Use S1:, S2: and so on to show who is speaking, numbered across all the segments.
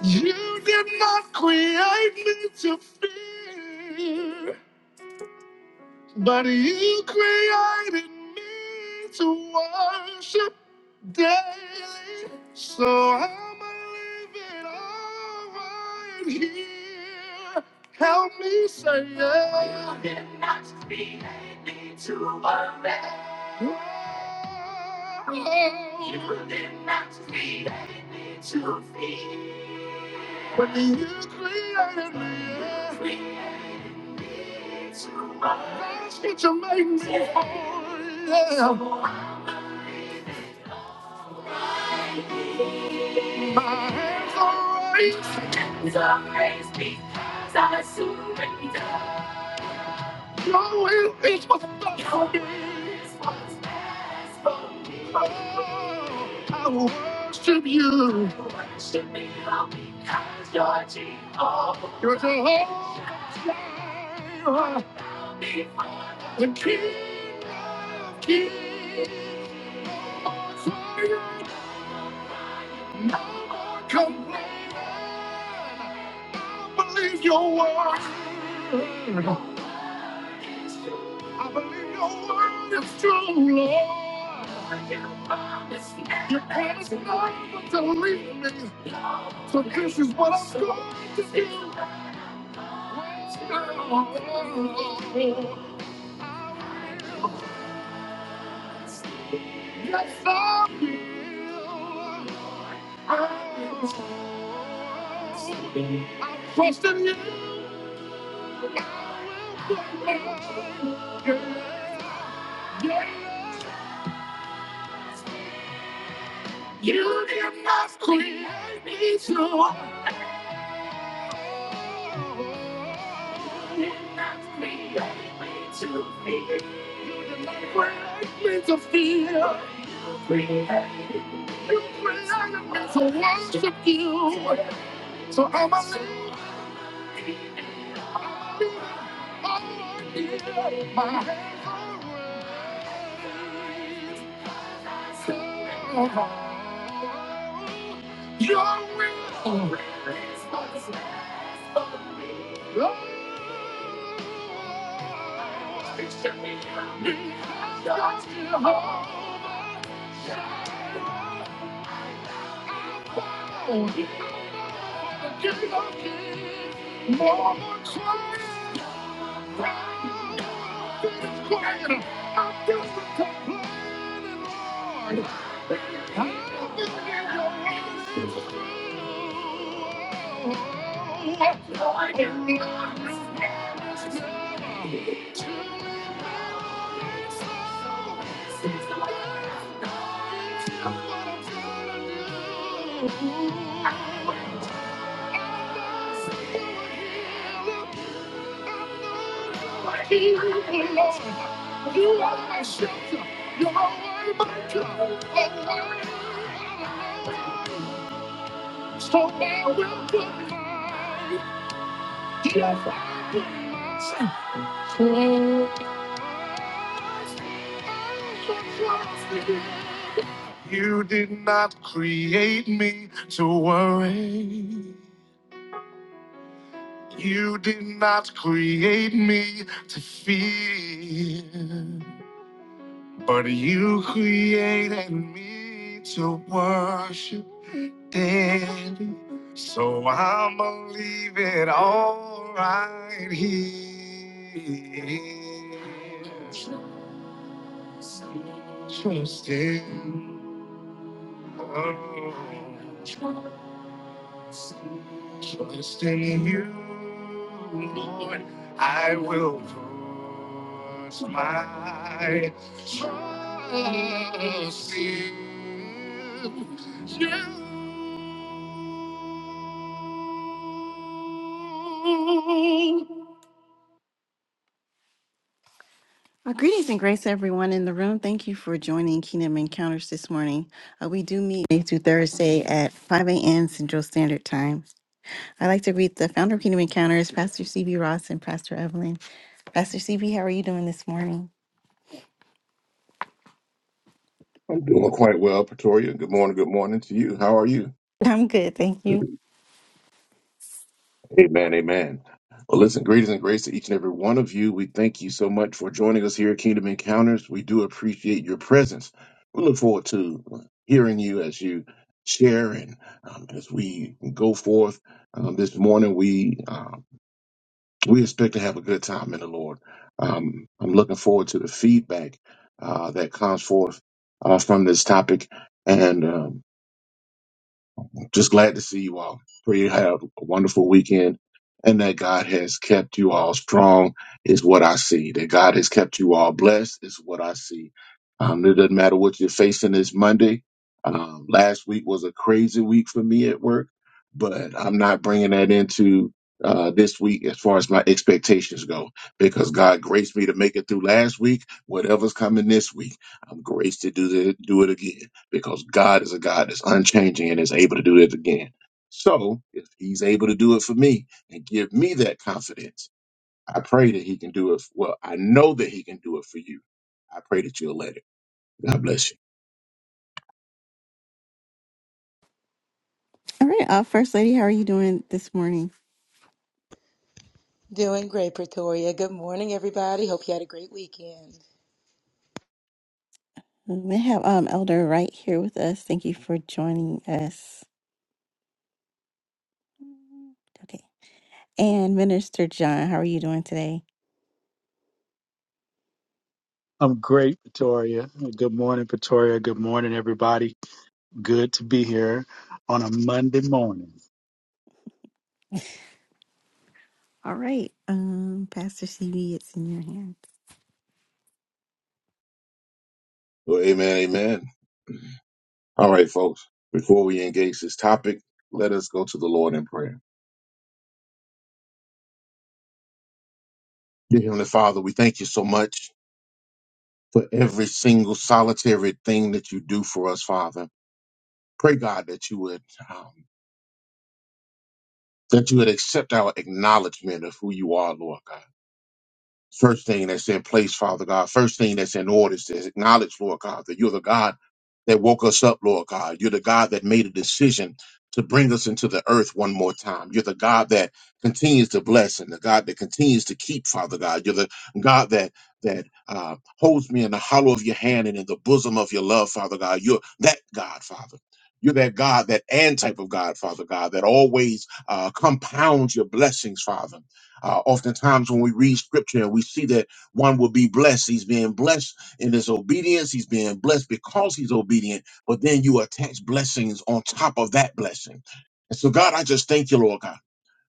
S1: You did not create me to fear, but you created me to worship daily. So I'ma leave it all right here. Help me say yeah. You did not create me to worry. Oh. You did not create me to fear. When you created me, that's what you made me for. Yeah. My hands are raised. Are raised because I surrender. Your will is what's best for me. What's best for me. Oh, I worship you. Worship you because You're the whole life. The King of Kings, Lord's Lion, no more complaining. I believe your word. I believe your word is true, Lord. You promised never to leave me, so this is what I'm going to do. Right now, I will Yes, I will. I will. I trust in you. I will follow. Yeah, yeah. You did not create me, so you did not create me to feel. Create me to feel. Create me. You created me to worship you. So I'm a I'll So your my the you're More than Christ. Thank you. You are my shelter. You are my God. So I will put my gift in myself. You did not create me to worry. You did not create me to fear, but you created me to worship Daddy. So I'ma leave it all right here. Trust Him. Oh. Trust in you, Lord, I will put my trust in you. Uh, greetings and grace, everyone in the room. Thank you for joining Kingdom Encounters this morning. Uh, we do meet Monday through Thursday at 5 a.m. Central Standard Time. I'd like to greet the founder of Kingdom Encounters, Pastor CB Ross and Pastor Evelyn. Pastor CB, how are you doing this morning?
S2: I'm doing quite well, Pretoria. Good morning. Good morning to you. How are you?
S1: I'm good, thank you.
S2: Amen. Amen. Well, listen, greetings and grace to each and every one of you. We thank you so much for joining us here at Kingdom Encounters. We do appreciate your presence. We look forward to hearing you as you share and um, as we go forth um, this morning. We uh, we expect to have a good time in the Lord. Um, I'm looking forward to the feedback uh, that comes forth uh, from this topic, and um, just glad to see you all. Pray you have a wonderful weekend and that God has kept you all strong is what I see. That God has kept you all blessed is what I see. Um, it doesn't matter what you're facing this Monday. Um, last week was a crazy week for me at work, but I'm not bringing that into uh, this week as far as my expectations go because God graced me to make it through last week. Whatever's coming this week, I'm graced to do, the, do it again because God is a God that's unchanging and is able to do it again. So if he's able to do it for me and give me that confidence, I pray that he can do it. Well, I know that he can do it for you. I pray that you'll let it. God bless you.
S1: All right, uh, First Lady, how are you doing this morning?
S3: Doing great, Pretoria. Good morning, everybody. Hope you had a great weekend.
S1: We have um, Elder right here with us. Thank you for joining us. Okay. And Minister John, how are you doing today?
S4: I'm great, Pretoria. Good morning, Pretoria. Good morning, everybody. Good to be here on a Monday morning.
S1: All right, um, Pastor CB, it's in your hands.
S2: Well, amen, amen. All right, folks, before we engage this topic, let us go to the Lord in prayer. Dear Heavenly Father, we thank you so much for every single solitary thing that you do for us, Father. Pray, God, that you would. um, that you would accept our acknowledgement of who you are, Lord God. First thing that's in place, Father God. First thing that's in order is to acknowledge, Lord God, that you're the God that woke us up, Lord God. You're the God that made a decision to bring us into the earth one more time. You're the God that continues to bless and the God that continues to keep, Father God. You're the God that that uh, holds me in the hollow of your hand and in the bosom of your love, Father God. You're that God, Father. You're that God, that and type of God, Father God, that always uh, compounds your blessings, Father. Uh, oftentimes, when we read scripture and we see that one will be blessed, he's being blessed in his obedience. He's being blessed because he's obedient, but then you attach blessings on top of that blessing. And so, God, I just thank you, Lord God.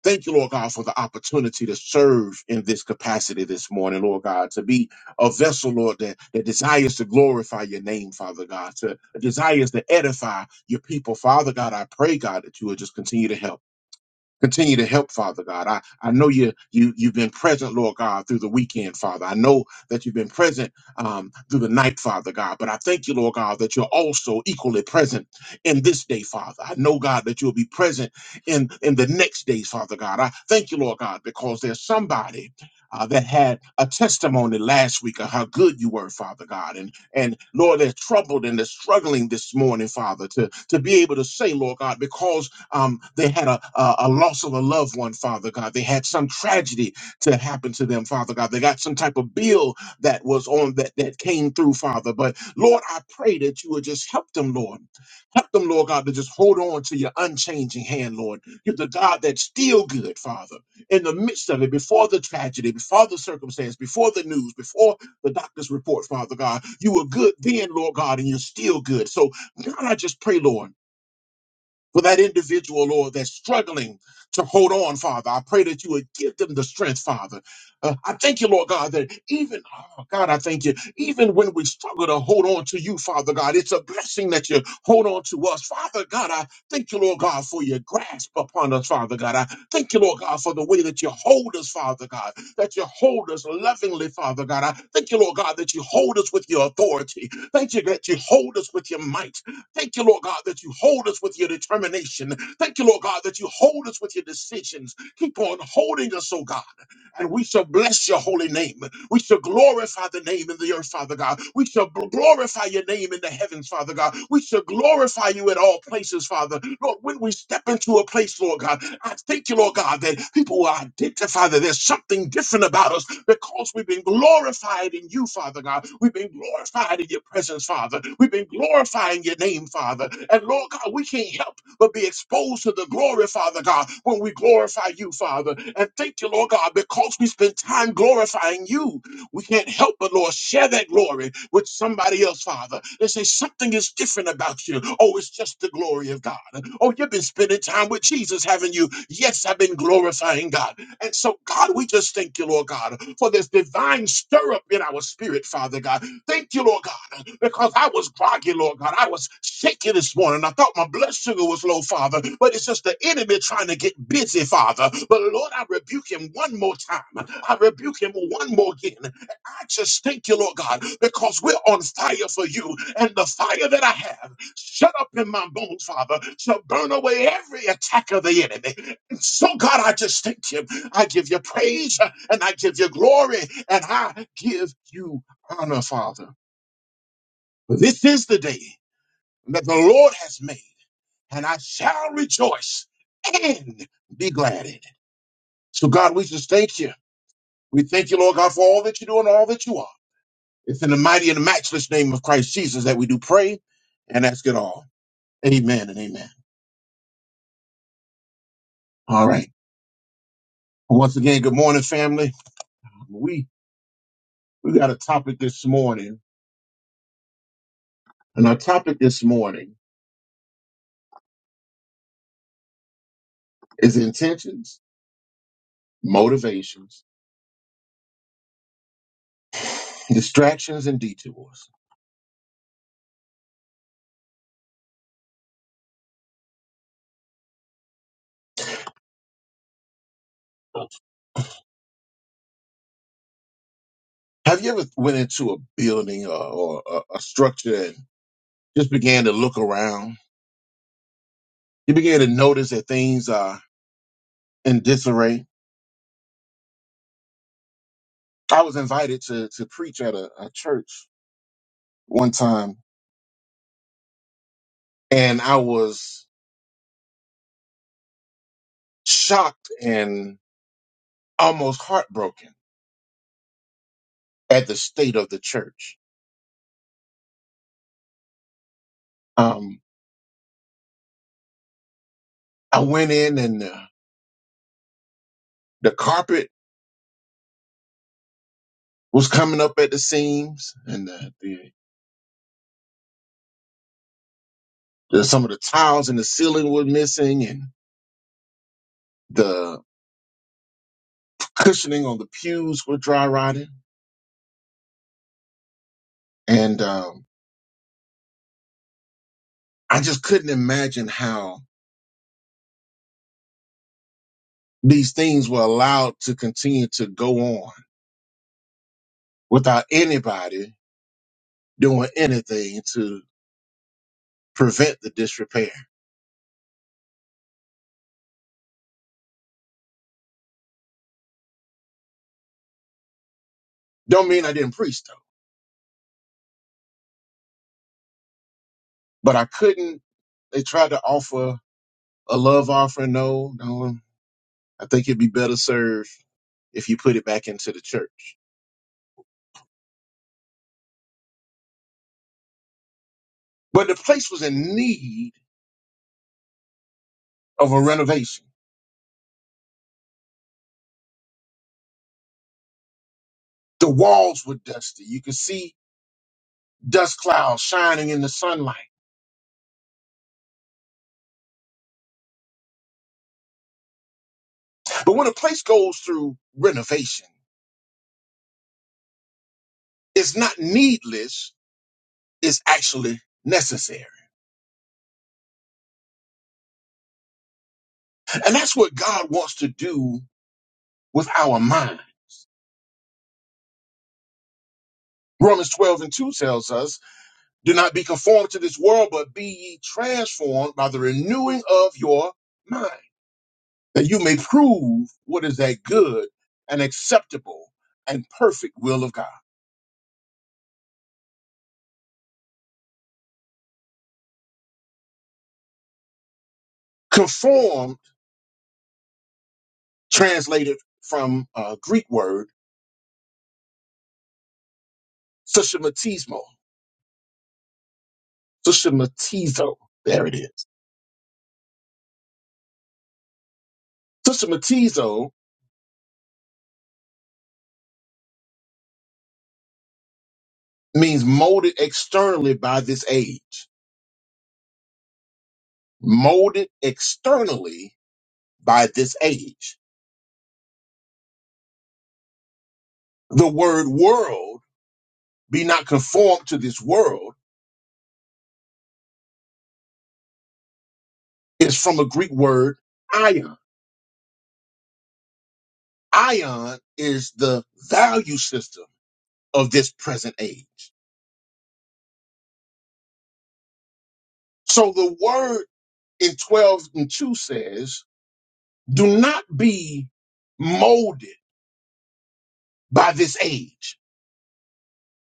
S2: Thank you, Lord God, for the opportunity to serve in this capacity this morning, Lord God, to be a vessel, Lord, that, that desires to glorify your name, Father God, to desires to edify your people. Father God, I pray, God, that you would just continue to help. Continue to help, Father God. I, I know you, you, you've been present, Lord God, through the weekend, Father. I know that you've been present um, through the night, Father God. But I thank you, Lord God, that you're also equally present in this day, Father. I know, God, that you'll be present in, in the next days, Father God. I thank you, Lord God, because there's somebody uh, that had a testimony last week of how good you were, Father God. And, and Lord, they're troubled and they're struggling this morning, Father, to, to be able to say, Lord God, because um, they had a, a, a loss of a loved one, Father God. They had some tragedy to happen to them, Father God. They got some type of bill that was on that, that came through, Father. But Lord, I pray that you would just help them, Lord. Help them, Lord God, to just hold on to your unchanging hand, Lord. You're the God that's still good, Father, in the midst of it, before the tragedy, before the circumstance, before the news, before the doctor's report, Father God. You were good then, Lord God, and you're still good. So, God, I just pray, Lord for that individual, Lord, that's struggling to hold on, Father. I pray that you would give them the strength, Father. Uh, I thank you, Lord God, that even, oh God, I thank you, even when we struggle to hold on to you, Father God, it's a blessing that you hold on to us. Father God, I thank you, Lord God, for your grasp upon us, Father God. I thank you, Lord God, for the way that you hold us, Father God, that you hold us lovingly, Father God. I thank you, Lord God, that you hold us with your authority. Thank you that you hold us with your might. Thank you, Lord God, that you hold us with your determination. Thank you, Lord God, that you hold us with your decisions. Keep on holding us, oh God. And we shall bless your holy name. We shall glorify the name in the earth, Father God. We shall bl- glorify your name in the heavens, Father God. We shall glorify you at all places, Father. Lord, when we step into a place, Lord God, I thank you, Lord God, that people will identify that there's something different about us because we've been glorified in you, Father God. We've been glorified in your presence, Father. We've been glorifying your name, Father. And Lord God, we can't help but be exposed to the glory, Father God, when we glorify you, Father. And thank you, Lord God, because we spend time glorifying you, we can't help but, Lord, share that glory with somebody else, Father. They say something is different about you. Oh, it's just the glory of God. Oh, you've been spending time with Jesus, haven't you? Yes, I've been glorifying God. And so, God, we just thank you, Lord God, for this divine stir up in our spirit, Father God. Thank you, Lord God God, because I was groggy, Lord God. I was shaky this morning. I thought my blood sugar was low, Father, but it's just the enemy trying to get busy, Father. But Lord, I rebuke him one more time. I rebuke him one more again. I just thank you, Lord God, because we're on fire for you, and the fire that I have shut up in my bones, Father, shall burn away every attack of the enemy. And so, God, I just thank you. I give you praise and I give you glory and I give you honor, Father. For this is the day that the Lord has made, and I shall rejoice and be glad in it. So, God, we just thank you. We thank you, Lord God, for all that you do and all that you are. It's in the mighty and matchless name of Christ Jesus that we do pray and ask it all. Amen and amen. All right. Well, Once again, good morning, family. We we got a topic this morning, and our topic this morning is intentions, motivations, distractions, and detours. Have you ever went into a building or, or a, a structure and just began to look around? You began to notice that things are in disarray. I was invited to to preach at a, a church one time, and I was shocked and almost heartbroken at the state of the church. Um, I went in, and the, the carpet was coming up at the seams, and the, the, the some of the tiles in the ceiling were missing, and the cushioning on the pews were dry rotting. And um, I just couldn't imagine how these things were allowed to continue to go on without anybody doing anything to prevent the disrepair. Don't mean I didn't preach though, but I couldn't. They tried to offer a love offering. No, no, um, I think it'd be better served if you put it back into the church. But the place was in need of a renovation. The walls were dusty. You could see dust clouds shining in the sunlight. But when a place goes through renovation, it's not needless, it's actually necessary. And that's what God wants to do with our mind. Romans 12 and 2 tells us, Do not be conformed to this world, but be ye transformed by the renewing of your mind, that you may prove what is that good and acceptable and perfect will of God. Conformed, translated from a Greek word, sushamatismo Sister There it is. Sister means molded externally by this age. Molded externally by this age. The word world, be not conformed to this world, is from a Greek word ion. Ion is the value system of this present age. So the word in 12 and 2 says, do not be molded by this age,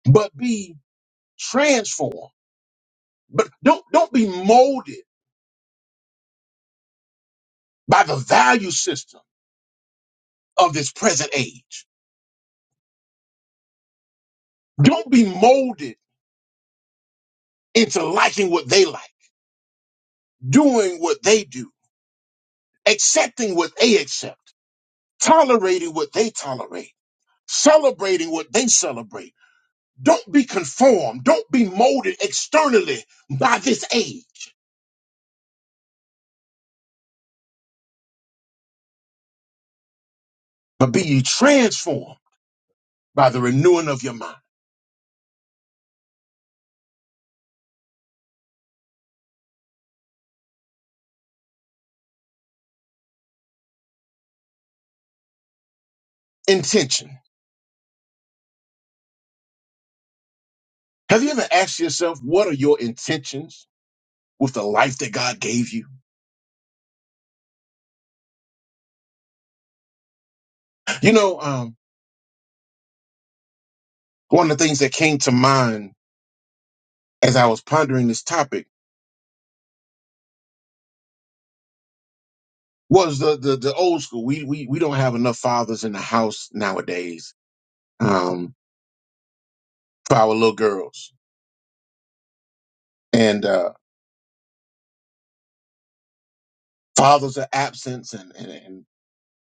S2: but be transform but don't don't be molded by the value system of this present age don't be molded into liking what they like doing what they do accepting what they accept tolerating what they tolerate celebrating what they celebrate don't be conformed don't be molded externally by this age but be ye transformed by the renewing of your mind intention have you ever asked yourself what are your intentions with the life that God gave you? You know, um, one of the things that came to mind as I was pondering this topic was the the, the old school. We, we we don't have enough fathers in the house nowadays um, for our little girls, and uh, fathers are absent, and and and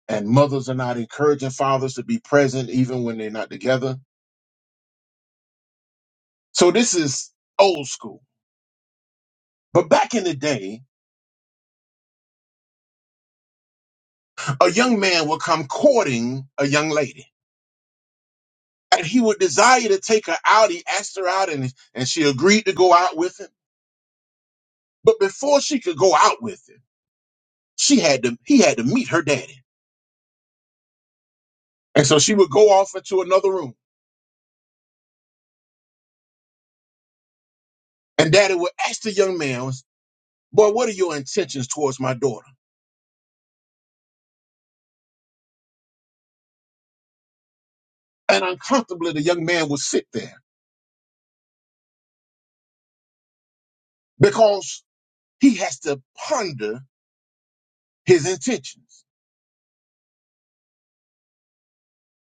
S2: and mothers are not encouraging fathers to be present even when they're not together. So this is old school. But back in the day, a young man would come courting a young lady and he would desire to take her out. He asked her out and, and she agreed to go out with him. But before she could go out with him, she had to, he had to meet her daddy. And so she would go off into another room and daddy would ask the young man, boy, what are your intentions towards my daughter? And uncomfortably, the young man would sit there because he has to ponder his intentions.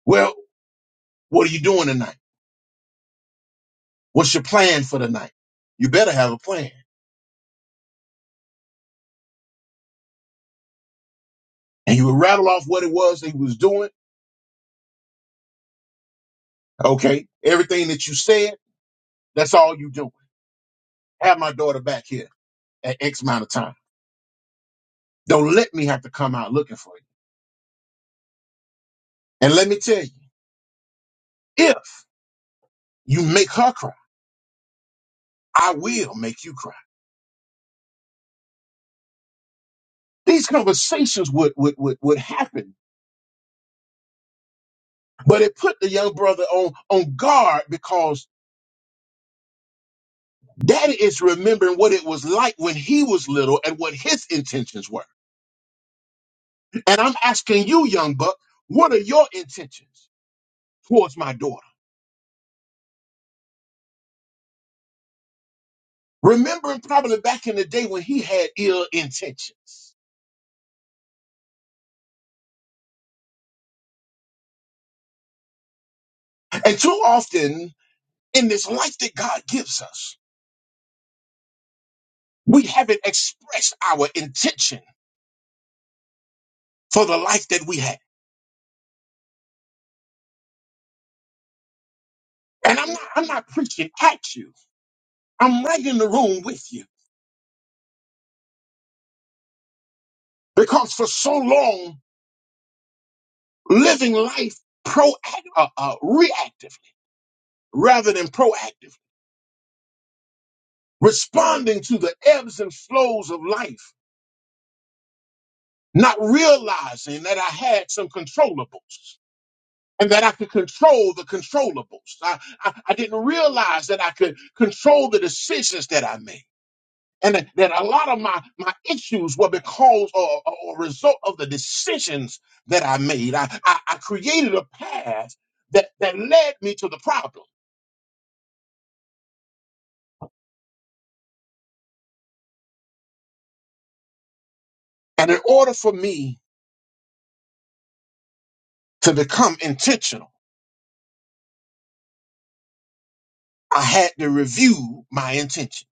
S2: Well, what are you doing tonight? What's your plan for the night? You better have a plan. And he would rattle off what it was that he was doing Okay. Everything that you said, that's all you do. Have my daughter back here at X amount of time. Don't let me have to come out looking for you. And let me tell you, if you make her cry, I will make you cry. These conversations would, would, would, would happen, but it put the young brother on, on guard because daddy is remembering what it was like when he was little and what his intentions were. And I'm asking you, young buck, what are your intentions towards my daughter? remembering probably back in the day when he had ill intentions. And too often in this life that God gives us, we haven't expressed our intention for the life that we had. And I'm not, I'm not preaching at you. I'm right in the room with you because for so long, living life proact, uh, uh, reactively rather than proactively, responding to the ebbs and flows of life, not realizing that I had some controllables and that I could control the controllables. I, I, I didn't realize that I could control the decisions that I made. And that, that a lot of my, my issues were because or, or or result of the decisions that I made. I, I, I created a path that, that led me to the problem. And in order for me to become intentional, I had to review my intention.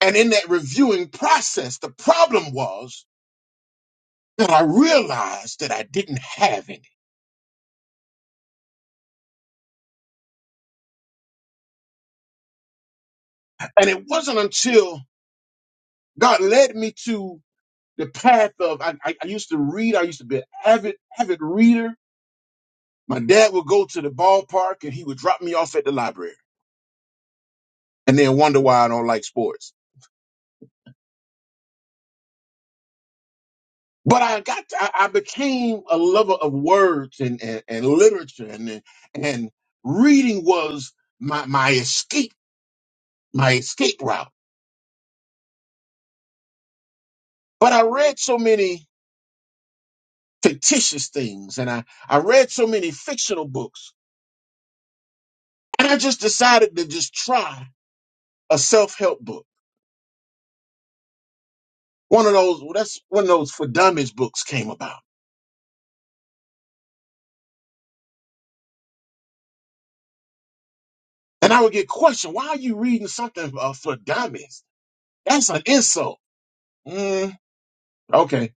S2: And in that reviewing process, the problem was that I realized that I didn't have any. And it wasn't until God led me to the path of I, I, I used to read. I used to be an avid avid reader. My dad would go to the ballpark and he would drop me off at the library, and then wonder why I don't like sports. But I got I, I became a lover of words and and, and literature, and and reading was my my escape my escape route. But I read so many fictitious things, and I I read so many fictional books, and I just decided to just try a self-help book. One of those, well, that's one of those for dummies books came about. And I would get questioned, why are you reading something uh, for dummies? That's an insult. Mm, okay.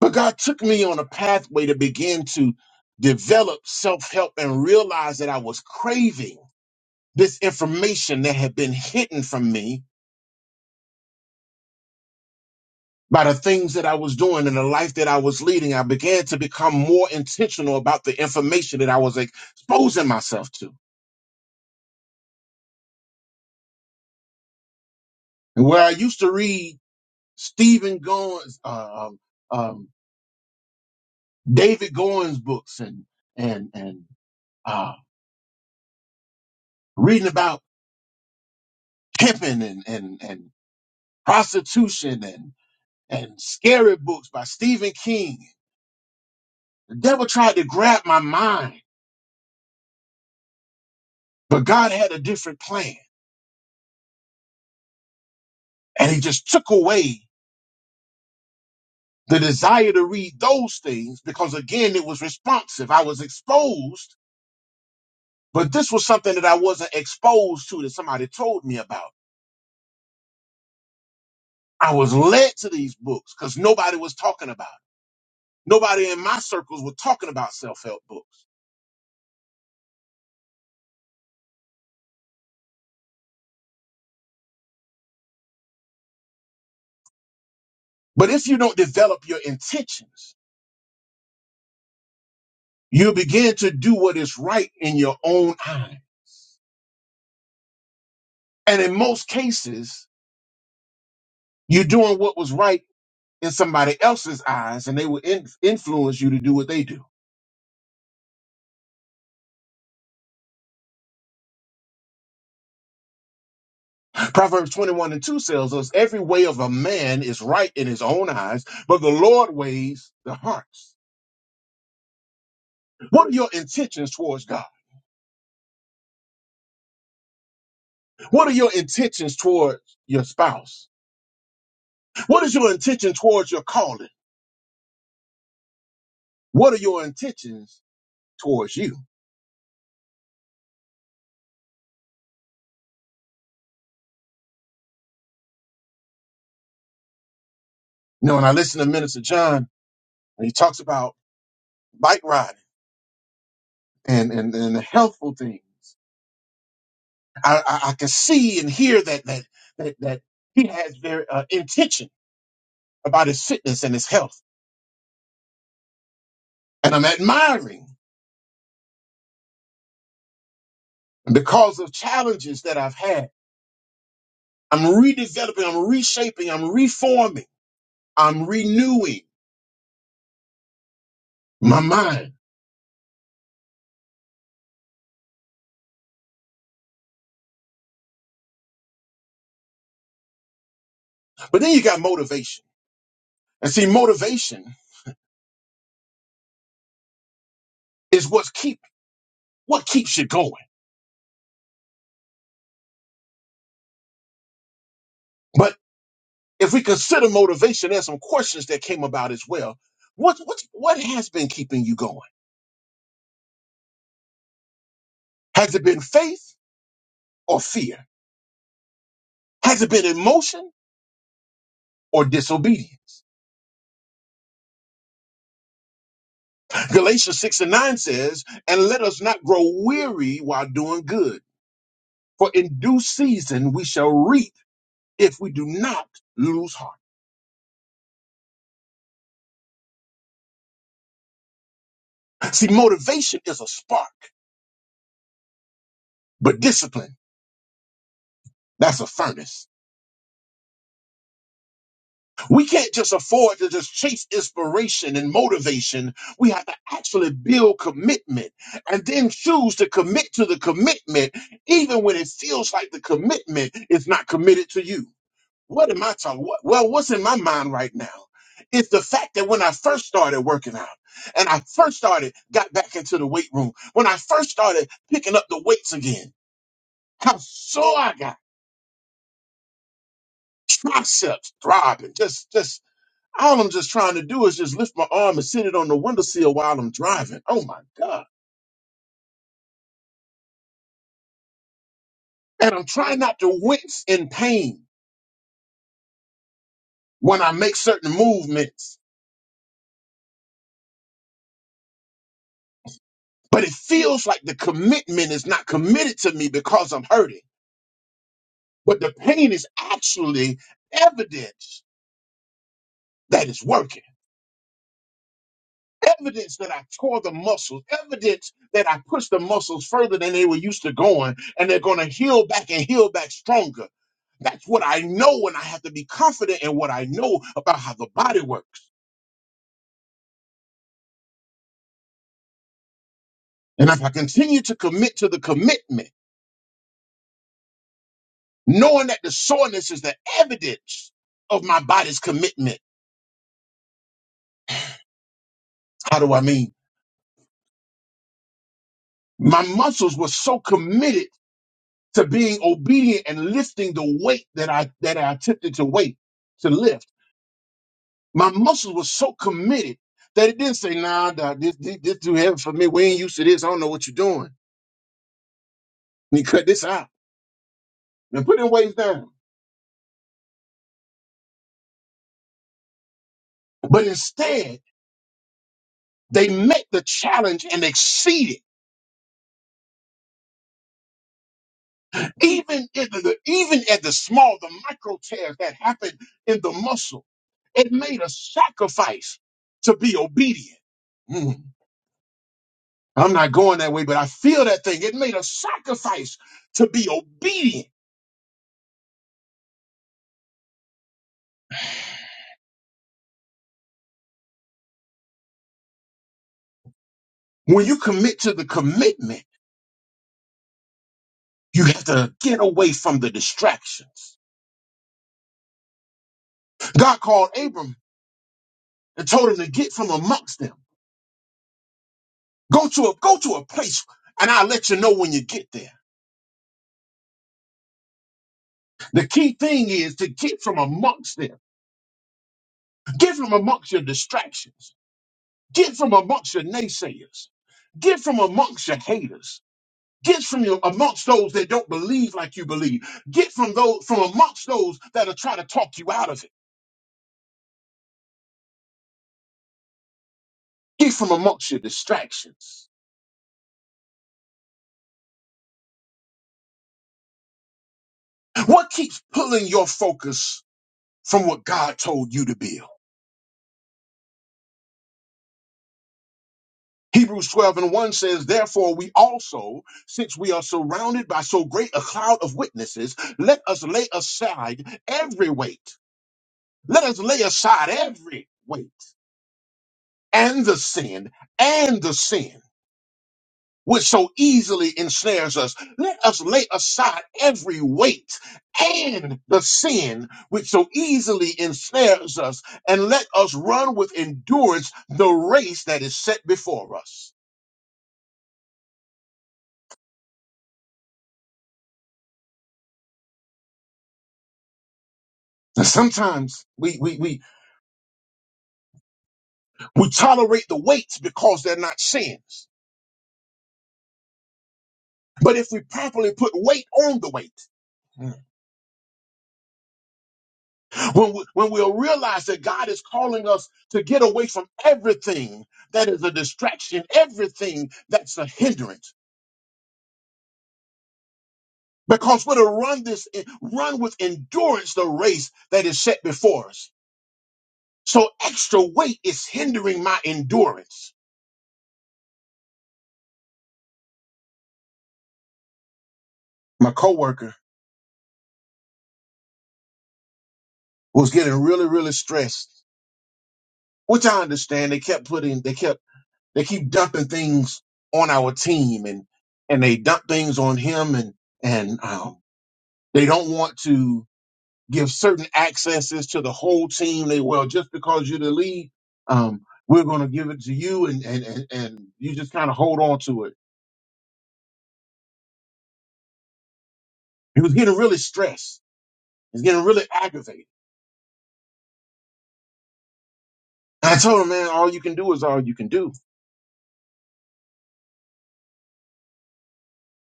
S2: But God took me on a pathway to begin to develop self-help and realize that I was craving this information that had been hidden from me by the things that I was doing and the life that I was leading. I began to become more intentional about the information that I was exposing myself to. And where I used to read Stephen Goins, uh, um, um, David Goins books and, and, and, uh, reading about pimping and, and, and prostitution and, and scary books by Stephen King. The devil tried to grab my mind, but God had a different plan and he just took away the desire to read those things because again, it was responsive. I was exposed, but this was something that I wasn't exposed to that somebody told me about. I was led to these books because nobody was talking about it. Nobody in my circles was talking about self help books. But if you don't develop your intentions, you begin to do what is right in your own eye. And in most cases, you're doing what was right in somebody else's eyes, and they will in- influence you to do what they do. Proverbs 21 and 2 tells us every way of a man is right in his own eyes, but the Lord weighs the hearts. What are your intentions towards God? What are your intentions towards your spouse? What is your intention towards your calling? What are your intentions towards you? You know, when I listen to Minister John, and he talks about bike riding and and, and the healthful things. I, I, I can see and hear that that that that he has very uh, intention about his fitness and his health, and I'm admiring And because of challenges that I've had. I'm redeveloping, I'm reshaping, I'm reforming, I'm renewing my mind. But then you got motivation And see, motivation is what's keep what keeps you going. But if we consider motivation, there's some questions that came about as well. What what what has been keeping you going? Has it been faith or fear? Has it been emotion or disobedience? Galatians 6 and 9 says, and let us not grow weary while doing good, for in due season we shall reap if we do not lose heart. See, motivation is a spark, but discipline, that's a furnace. We can't just afford to just chase inspiration and motivation. We have to actually build commitment and then choose to commit to the commitment, even when it feels like the commitment is not committed to you. What am I talking? What, well, what's in my mind right now is the fact that when I first started working out and I first started, got back into the weight room, when I first started picking up the weights again, how sore I got, triceps throbbing, just, just. All I'm just trying to do is just lift my arm and sit it on the windowsill while I'm driving. Oh my God. And I'm trying not to wince in pain when I make certain movements. But it feels like the commitment is not committed to me because I'm hurting. But the pain is actually evidence that it's working. evidence that I tore the muscles, evidence that I pushed the muscles further than they were used to going, and they're going to heal back and heal back stronger. That's what I know, and I have to be confident in what I know about how the body works. And if I continue to commit to the commitment, knowing that the soreness is the evidence of my body's commitment, how do I mean? My muscles were so committed to being obedient and lifting the weight that I that I attempted to weight to lift My muscles were so committed that it didn't say, nah, dog, this, this, this too heavy for me. We ain't used to this. I don't know what you're doing. And you cut this out and put them weights down. But instead, they met the challenge and exceeded. Even at the, even at the small, the micro tears that happened in the muscle, it made a sacrifice to be obedient. Mm, I'm not going that way, but I feel that thing. It made a sacrifice to be obedient. When you commit to the commitment, You have to get away from the distractions. God called Abram and told him to get from amongst them. Go to a go to a place and I'll let you know when you get there. The key thing is to get from amongst them. Get from amongst your distractions. Get from amongst your naysayers. Get from amongst your haters. Get from your amongst those that don't believe like you believe. Get from those from amongst those that are trying to talk you out of it. Get from amongst your distractions. What keeps pulling your focus from what God told you to build. Hebrews 12 and 1 says, Therefore, we also, since we are surrounded by so great a cloud of witnesses, let us lay aside every weight. Let us lay aside every weight and the sin and the sin which so easily ensnares us. Let us lay aside every weight and the sin which so easily ensnares us, and let us run with endurance the race that is set before us And sometimes we, we, we, we tolerate the weights because they're not sins. But if we properly put weight on the weight, when, we, when we'll realize that God is calling us to get away from everything that is a distraction, everything that's a hindrance. Because we're to run this, run with endurance the race that is set before us. So extra weight is hindering my endurance. My coworker was getting really, really stressed, which I understand. They kept putting, they kept They keep dumping things on our team, and and they dump things on him, and and um, they don't want to give certain accesses to the whole team. They well, just because you're the lead, um, we're going to give it to you, and and and, and you just kind of hold on to it. He was getting really stressed. He's getting really aggravated. And I told him, man, all you can do is all you can do.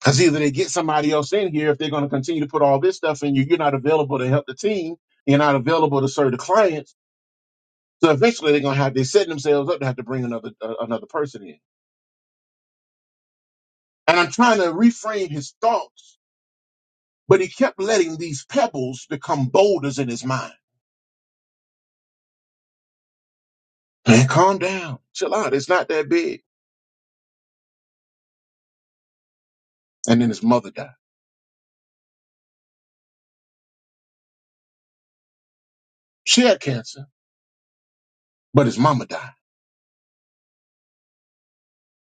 S2: Because either they get somebody else in here if they're going to continue to put all this stuff in you, you're not available to help the team, you're not available to serve the clients So eventually they're gonna have they're setting themselves up to have to bring another uh, another person in. And I'm trying to reframe his thoughts, but he kept letting these pebbles become boulders in his mind. Man, calm down, chill out. It's not that big. And then his mother died. She had cancer, but his mama died.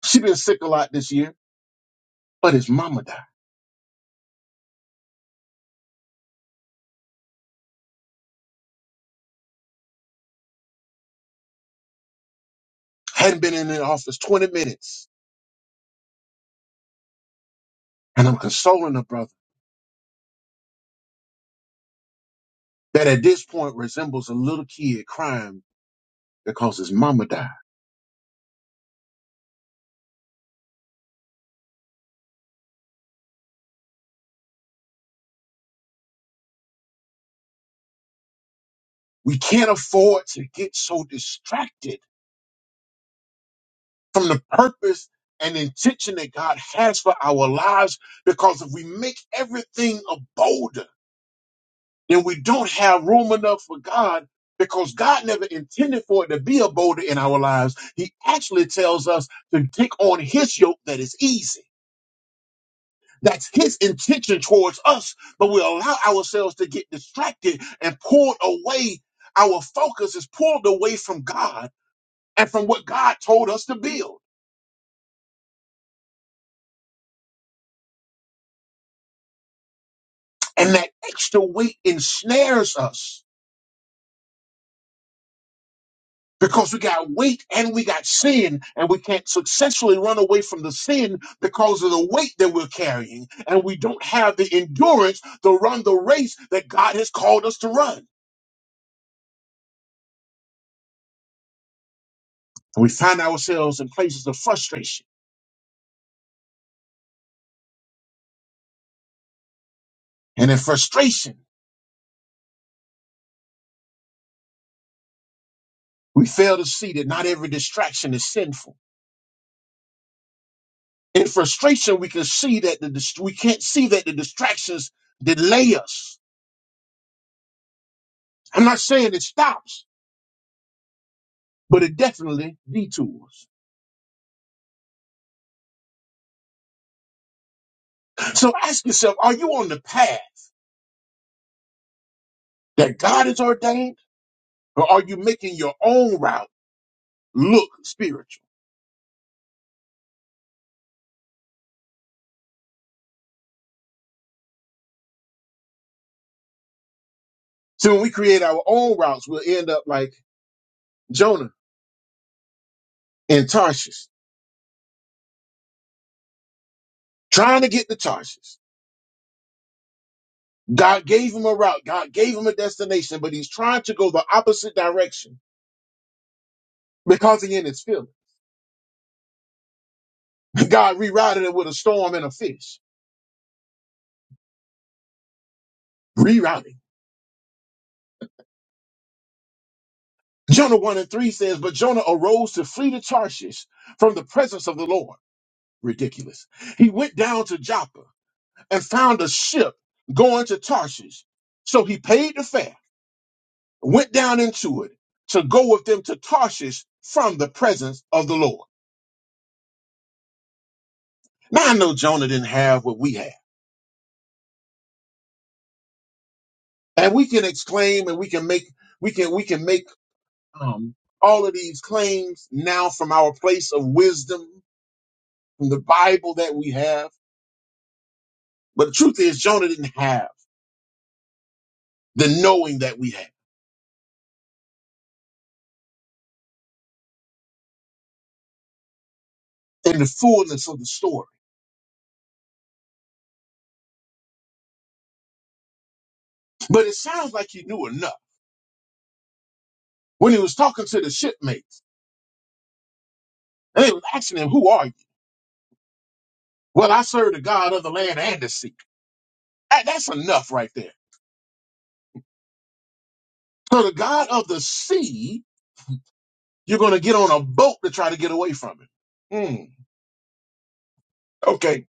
S2: She been sick a lot this year, but his mama died. Hadn't been in the office 20 minutes, and I'm consoling her brother that at this point resembles a little kid crying because his mama died. We can't afford to get so distracted from the purpose and intention that God has for our lives. Because if we make everything a boulder, then we don't have room enough for God because God never intended for it to be a boulder in our lives. He actually tells us to take on His yoke that is easy. That's his intention towards us, but we allow ourselves to get distracted and pulled away. Our focus is pulled away from God and from what God told us to build. And that extra weight ensnares us because we got weight and we got sin, and we can't successfully run away from the sin because of the weight that we're carrying. And we don't have the endurance to run the race that God has called us to run. And we find ourselves in places of frustration. And in frustration, we fail to see that not every distraction is sinful. In frustration, we can see that the dist- we can't see that the distractions delay us. I'm not saying it stops. but it definitely detours. So ask yourself, are you on the path that God has ordained or are you making your own route look spiritual? So when we create our own routes, we'll end up like Jonah in Tarshish, trying to get to Tarshish. God gave him a route. God gave him a destination, but he's trying to go the opposite direction because he in his feelings. God rerouted it with a storm and a fish. Rerouting. Jonah 1 and 3 says, But Jonah arose to flee to Tarshish from the presence of the Lord. ridiculous. He went down to Joppa and found a ship going to Tarshish. So he paid the fare, went down into it to go with them to Tarshish from the presence of the Lord. Now I know Jonah didn't have what we have. And we can exclaim and we can make we can we can make um all of these claims now from our place of wisdom, from the Bible that we have. But the truth is Jonah didn't have the knowing that we have and the fullness of the story. But it sounds like he knew enough when he was talking to the shipmates. And they was asking him, Who are you? Well, I serve the God of the land and the sea. That- That's enough right there. So the God of the sea, you're going to get on a boat to try to get away from him. Mm, okay.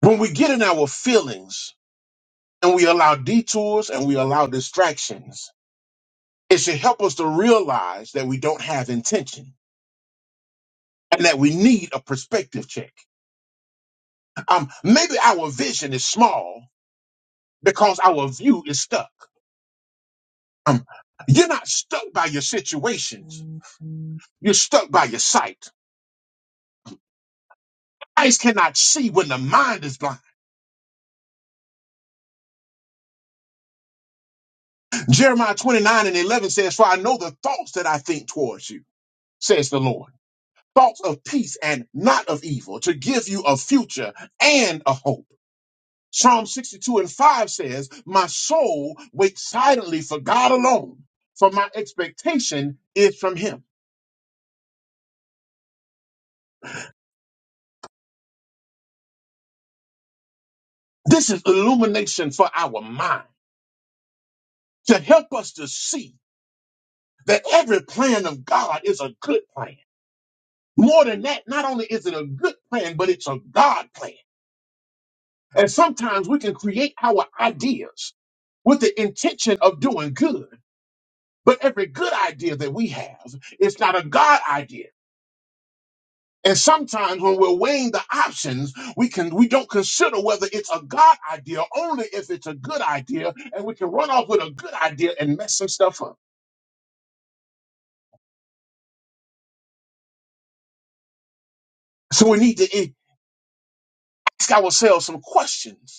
S2: When we get in our feelings and we allow detours and we allow distractions, it should help us to realize that we don't have intention and that we need a perspective check. Um, maybe our vision is small because our view is stuck. Um, You're not stuck by your situations. You're stuck by your sight. Eyes cannot see when the mind is blind. Jeremiah 29 and 11 says, For I know the thoughts that I think towards you, says the Lord. Thoughts of peace and not of evil, to give you a future and a hope. Psalm 62 and 5 says, My soul waits silently for God alone, for my expectation is from him. This is illumination for our mind to help us to see that every plan of God is a good plan. More than that, not only is it a good plan, but it's a God plan. And sometimes we can create our ideas with the intention of doing good, but every good idea that we have is not a God idea. And sometimes when we're weighing the options, we can we don't consider whether it's a God idea only if it's a good idea, and we can run off with a good idea and mess some stuff up. So we need to ask ourselves some questions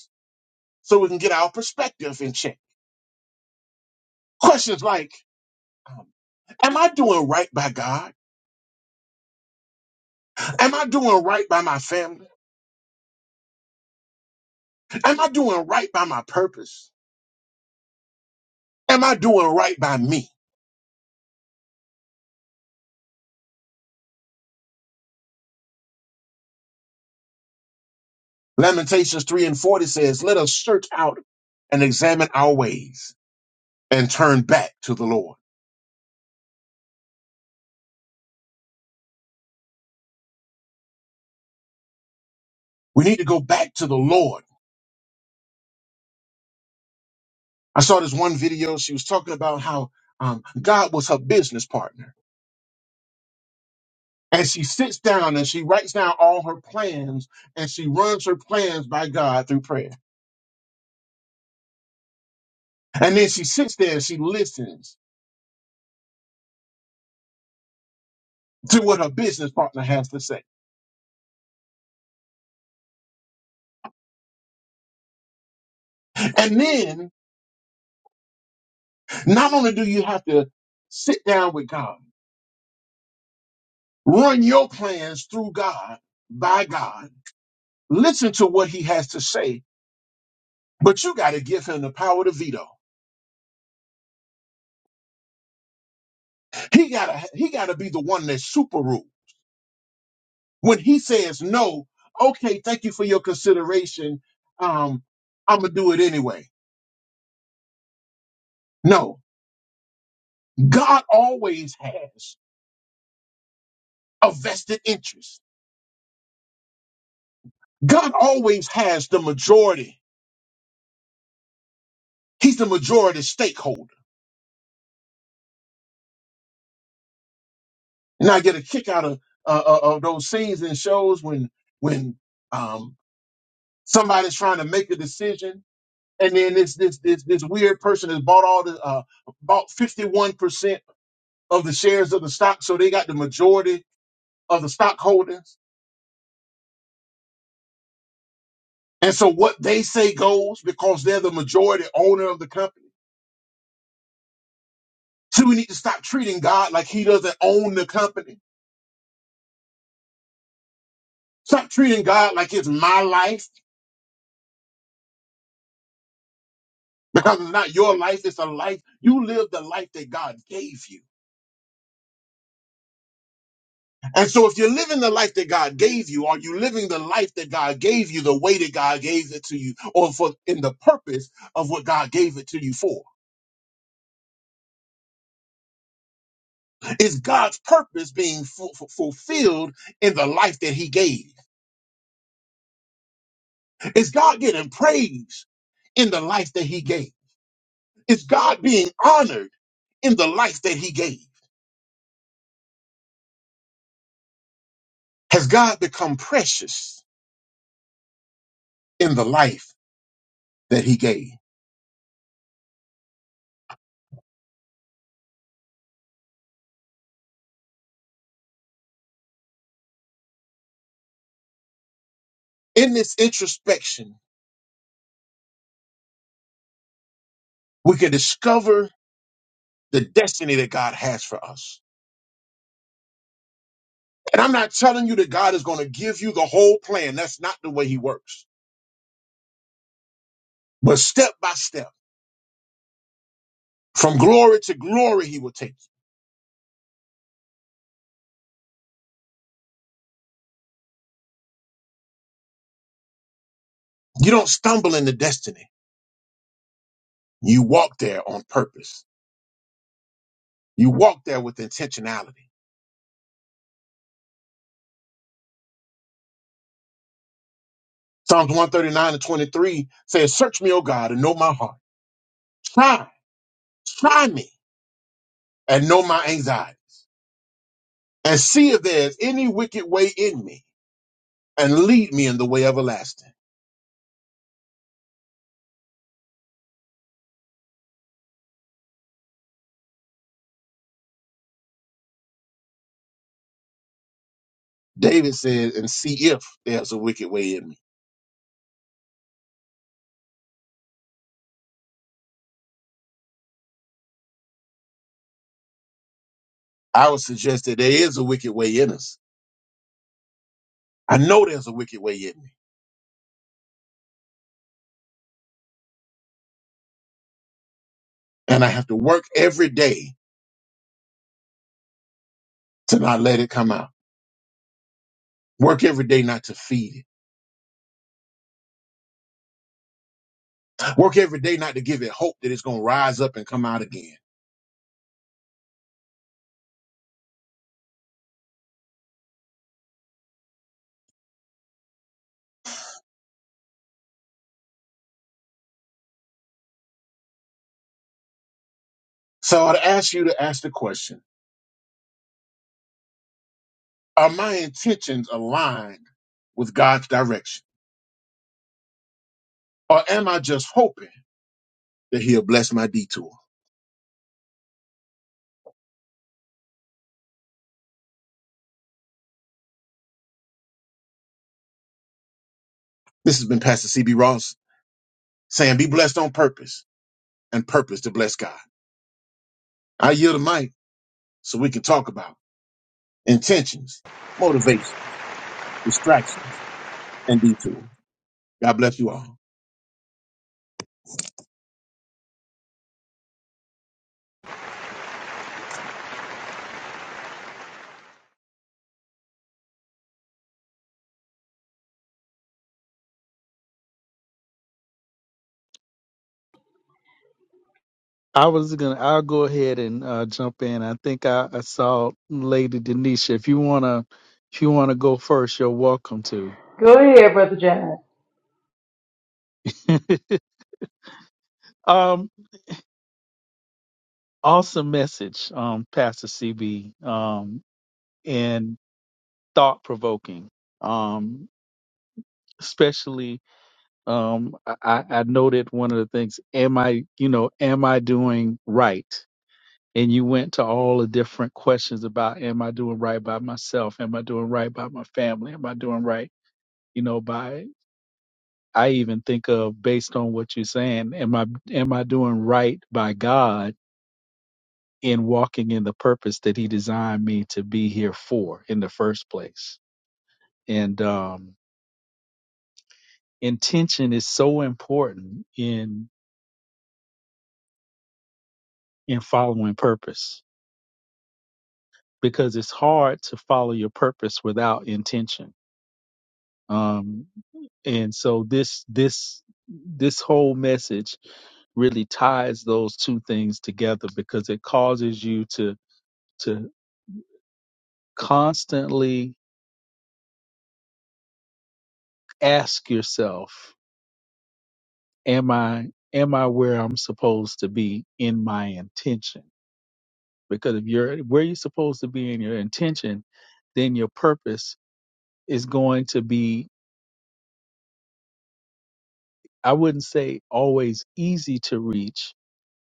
S2: so we can get our perspective in check. Questions like, um, am I doing right by God? Am I doing right by my family? Am I doing right by my purpose? Am I doing right by me? Lamentations 3 and 40 says, let us search out and examine our ways and turn back to the Lord. We need to go back to the Lord. I saw this one video. She was talking about how um, God was her business partner. And she sits down and she writes down all her plans and she runs her plans by God through prayer. And then she sits there and she listens to what her business partner has to say. And then not only do you have to sit down with God, run your plans through God, by God, listen to what he has to say, but you got to give him the power to veto. He got to he got to be the one that super rule. When he says no, okay, thank you for your consideration. Um I'm going to do it anyway. No, God always has a vested interest. God always has the majority. He's the majority stakeholder. And I get a kick out of uh, uh, of those scenes and shows when when um, somebody's trying to make a decision, and then this this this this weird person has bought all the uh, bought fifty one percent of the shares of the stock, so they got the majority of the stockholders. And so what they say goes because they're the majority owner of the company. So we need to stop treating God like He doesn't own the company. Stop treating God like it's my life Because it's not your life, it's a life. You live the life that God gave you. And so if you're living the life that God gave you, are you living the life that God gave you the way that God gave it to you or for in the purpose of what God gave it to you for? Is God's purpose being fu- fu- fulfilled in the life that he gave? Is God getting praise in the life that he gave? Is God being honored in the life that he gave? Has God become precious in the life that he gave? In this introspection, we can discover the destiny that God has for us. And I'm not telling you that God is going to give you the whole plan. That's not the way He works. But step by step, from glory to glory, He will take you. You don't stumble into destiny. You walk there on purpose. You walk there with intentionality. Psalms 139 and 23 says, Search me, O God, and know my heart. Try, try me, and know my anxiety. And see if there is any wicked way in me, and lead me in the way everlasting. David said, and see if there's a wicked way in me. I would suggest that there is a wicked way in us. I know there's a wicked way in me, and I have to work every day to not let it come out. Work every day not to feed it. Work every day not to give it hope that it's going to rise up and come out again. So I'd ask you to ask the question Are my intentions aligned with God's direction? Or am I just hoping that He'll bless my detour? This has been Pastor CB Ross saying, Be blessed on purpose and purpose to bless God. I yield the mic. so we can talk about intentions, motivation, distractions, and detours. God bless you all.
S4: I was gonna. I'll go ahead and uh, jump in. I think I, I saw Lady Denisha. If you wanna, if you wanna go first, you're welcome to.
S3: Go ahead, Brother Jay.
S4: um, awesome message, um, Pastor CB. Um, and thought provoking. Um, especially um I, I I noted one of the things am i you know am i doing right and you went to all the different questions about am I doing right by myself? Am I doing right by my family? Am I doing right, you know, by I even think of based on what you're saying, am I am I doing right by God in walking in the purpose that he designed me to be here for in the first place? And um intention is so important in in following purpose because it's hard to follow your purpose without intention. Um And so this this this whole message really ties those two things together because it causes you to to constantly ask yourself am i am i where i'm supposed to be in my intention because if you're where you're supposed to be in your intention then your purpose is going to be i wouldn't say always easy to reach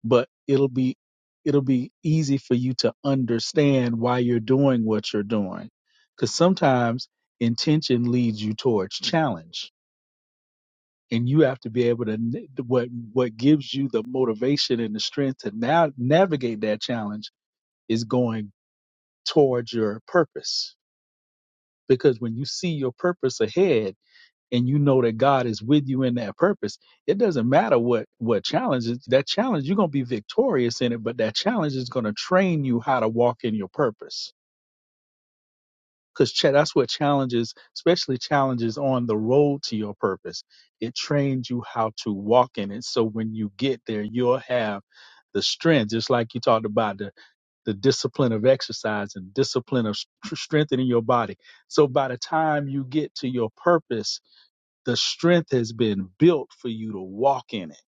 S4: but it'll be it'll be easy for you to understand why you're doing what you're doing because sometimes intention leads you towards challenge and you have to be able to n- what what gives you the motivation and the strength to now navigate that challenge is going towards your purpose because when you see your purpose ahead and you know that God is with you in that purpose, it doesn't matter what what challenges that challenge you're gonna be victorious in it, but that challenge is gonna train you how to walk in your purpose. Because ch- that's what challenges, especially challenges on the road to your purpose, it trains you how to walk in it. So when you get there, you'll have the strength, just like you talked about the, the discipline of exercise and discipline of s- strengthening your body. So by the time you get to your purpose, the strength has been built for you to walk in it.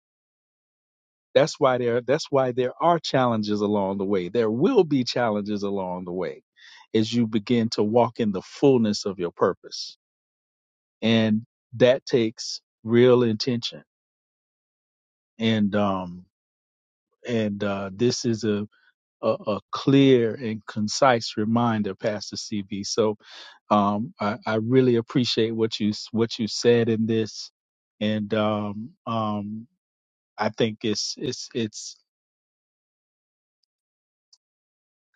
S4: That's why there that's why there are challenges along the way. There will be challenges along the way as you begin to walk in the fullness of your purpose. And that takes real intention. And um and uh this is a a, a clear and concise reminder, Pastor CB. So um, I, I really appreciate what you what you said in this, and um, um, I think it's it's it's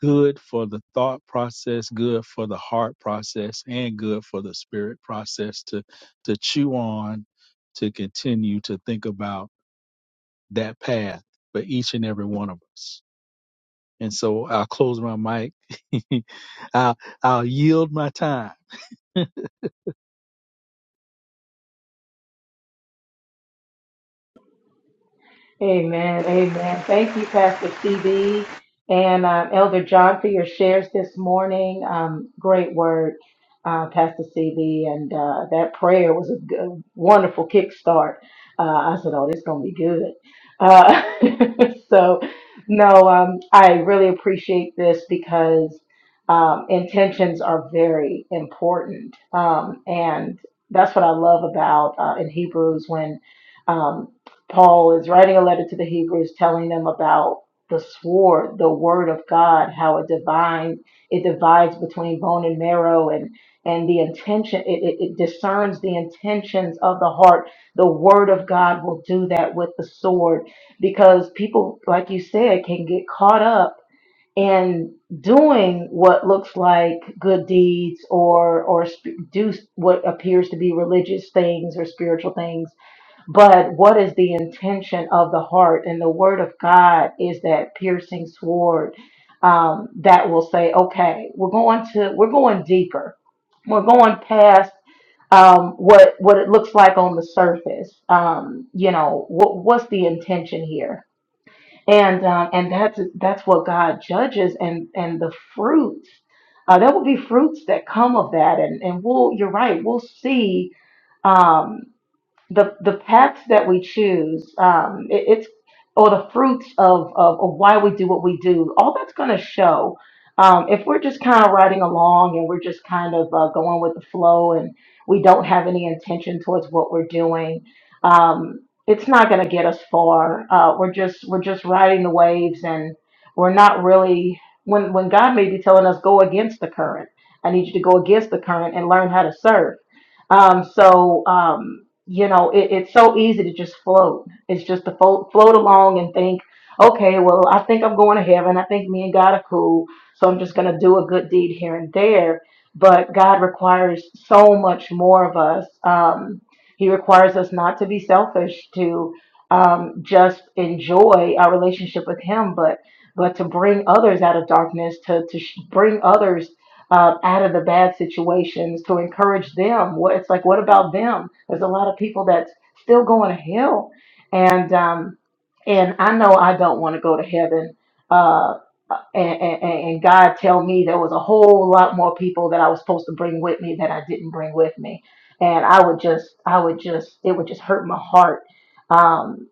S4: good for the thought process, good for the heart process, and good for the spirit process to to chew on, to continue to think about that path for each and every one of us. And so I'll close my mic. I'll I'll yield my time.
S3: Amen. Amen. Thank you, Pastor CB and um, Elder John for your shares this morning. Um, great word, uh, Pastor CB. And uh, that prayer was a good, wonderful kickstart. Uh, I said, oh, this going to be good. Uh, so, no, um, I really appreciate this because um, intentions are very important. Um, and that's what I love about uh, in Hebrews when Um, Paul is writing a letter to the Hebrews telling them about the sword, the word of God, how it divine it divides between bone and marrow and and the intention it, it, it discerns the intentions of the heart. The word of God will do that with the sword because people, like you said, can get caught up in doing what looks like good deeds or or sp- do what appears to be religious things or spiritual things but what is the intention of the heart? And the word of God is that piercing sword um, that will say, okay, we're going to, we're going deeper. We're going past um, what what it looks like on the surface. Um, you know, what what's the intention here? And um, and that's that's what God judges, and and the fruits. Uh, there will be fruits that come of that, and and we'll. You're right. We'll see. Um, the the paths that we choose, um, it, it's or the fruits of, of of why we do what we do. All that's going to show. Um, if we're just kind of riding along and we're just kind of uh, going with the flow and we don't have any intention towards what we're doing, um, it's not going to get us far. Uh, we're just we're just riding the waves and we're not really when when God may be telling us go against the current. I need you to go against the current and learn how to surf. Um, so um, you know, it, it's so easy to just float. It's just to float, float along and think, okay, well, I think I'm going to heaven. I think me and God are cool. So I'm just going to do a good deed here and there. But God requires so much more of us. Um, he requires us not to be selfish, to um, just enjoy our relationship with Him, but but to bring others out of darkness, to to sh- bring others uh, out of the bad situations to encourage them. What it's like, what about them? There's a lot of people that's still going to hell, and um, and I know I don't want to go to heaven. Uh, and, and, and God tell me there was a whole lot more people that I was supposed to bring with me that I didn't bring with me, and I would just, I would just, it would just hurt my heart um,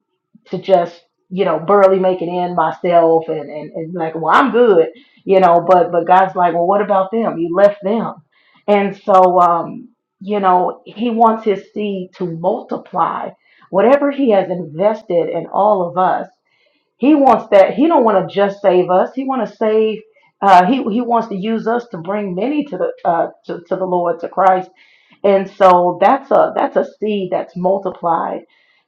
S3: to just, you know, barely make it in myself, and, and and like, well, I'm good you know but but god's like well what about them you left them and so um you know he wants his seed to multiply whatever he has invested in all of us he wants that. He don't want to just save us. He want to save. Uh, he he wants to use us to bring many to the uh, to, to the Lord to Christ. And so that's a that's a seed that's multiplied,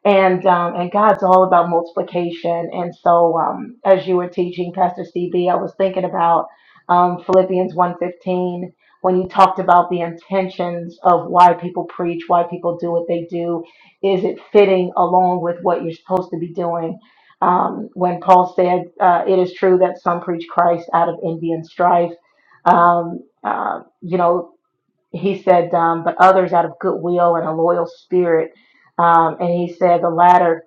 S3: and um, and God's all about multiplication. And so um, as you were teaching, Pastor CB, I was thinking about um, Philippians one fifteen when you talked about the intentions of why people preach, why people do what they do. Is it fitting along with what you're supposed to be doing? um, when Paul said, uh, It is true that some preach Christ out of envy and strife. Um, uh, you know, he said, um, But others out of goodwill and a loyal spirit. Um, and he said, The latter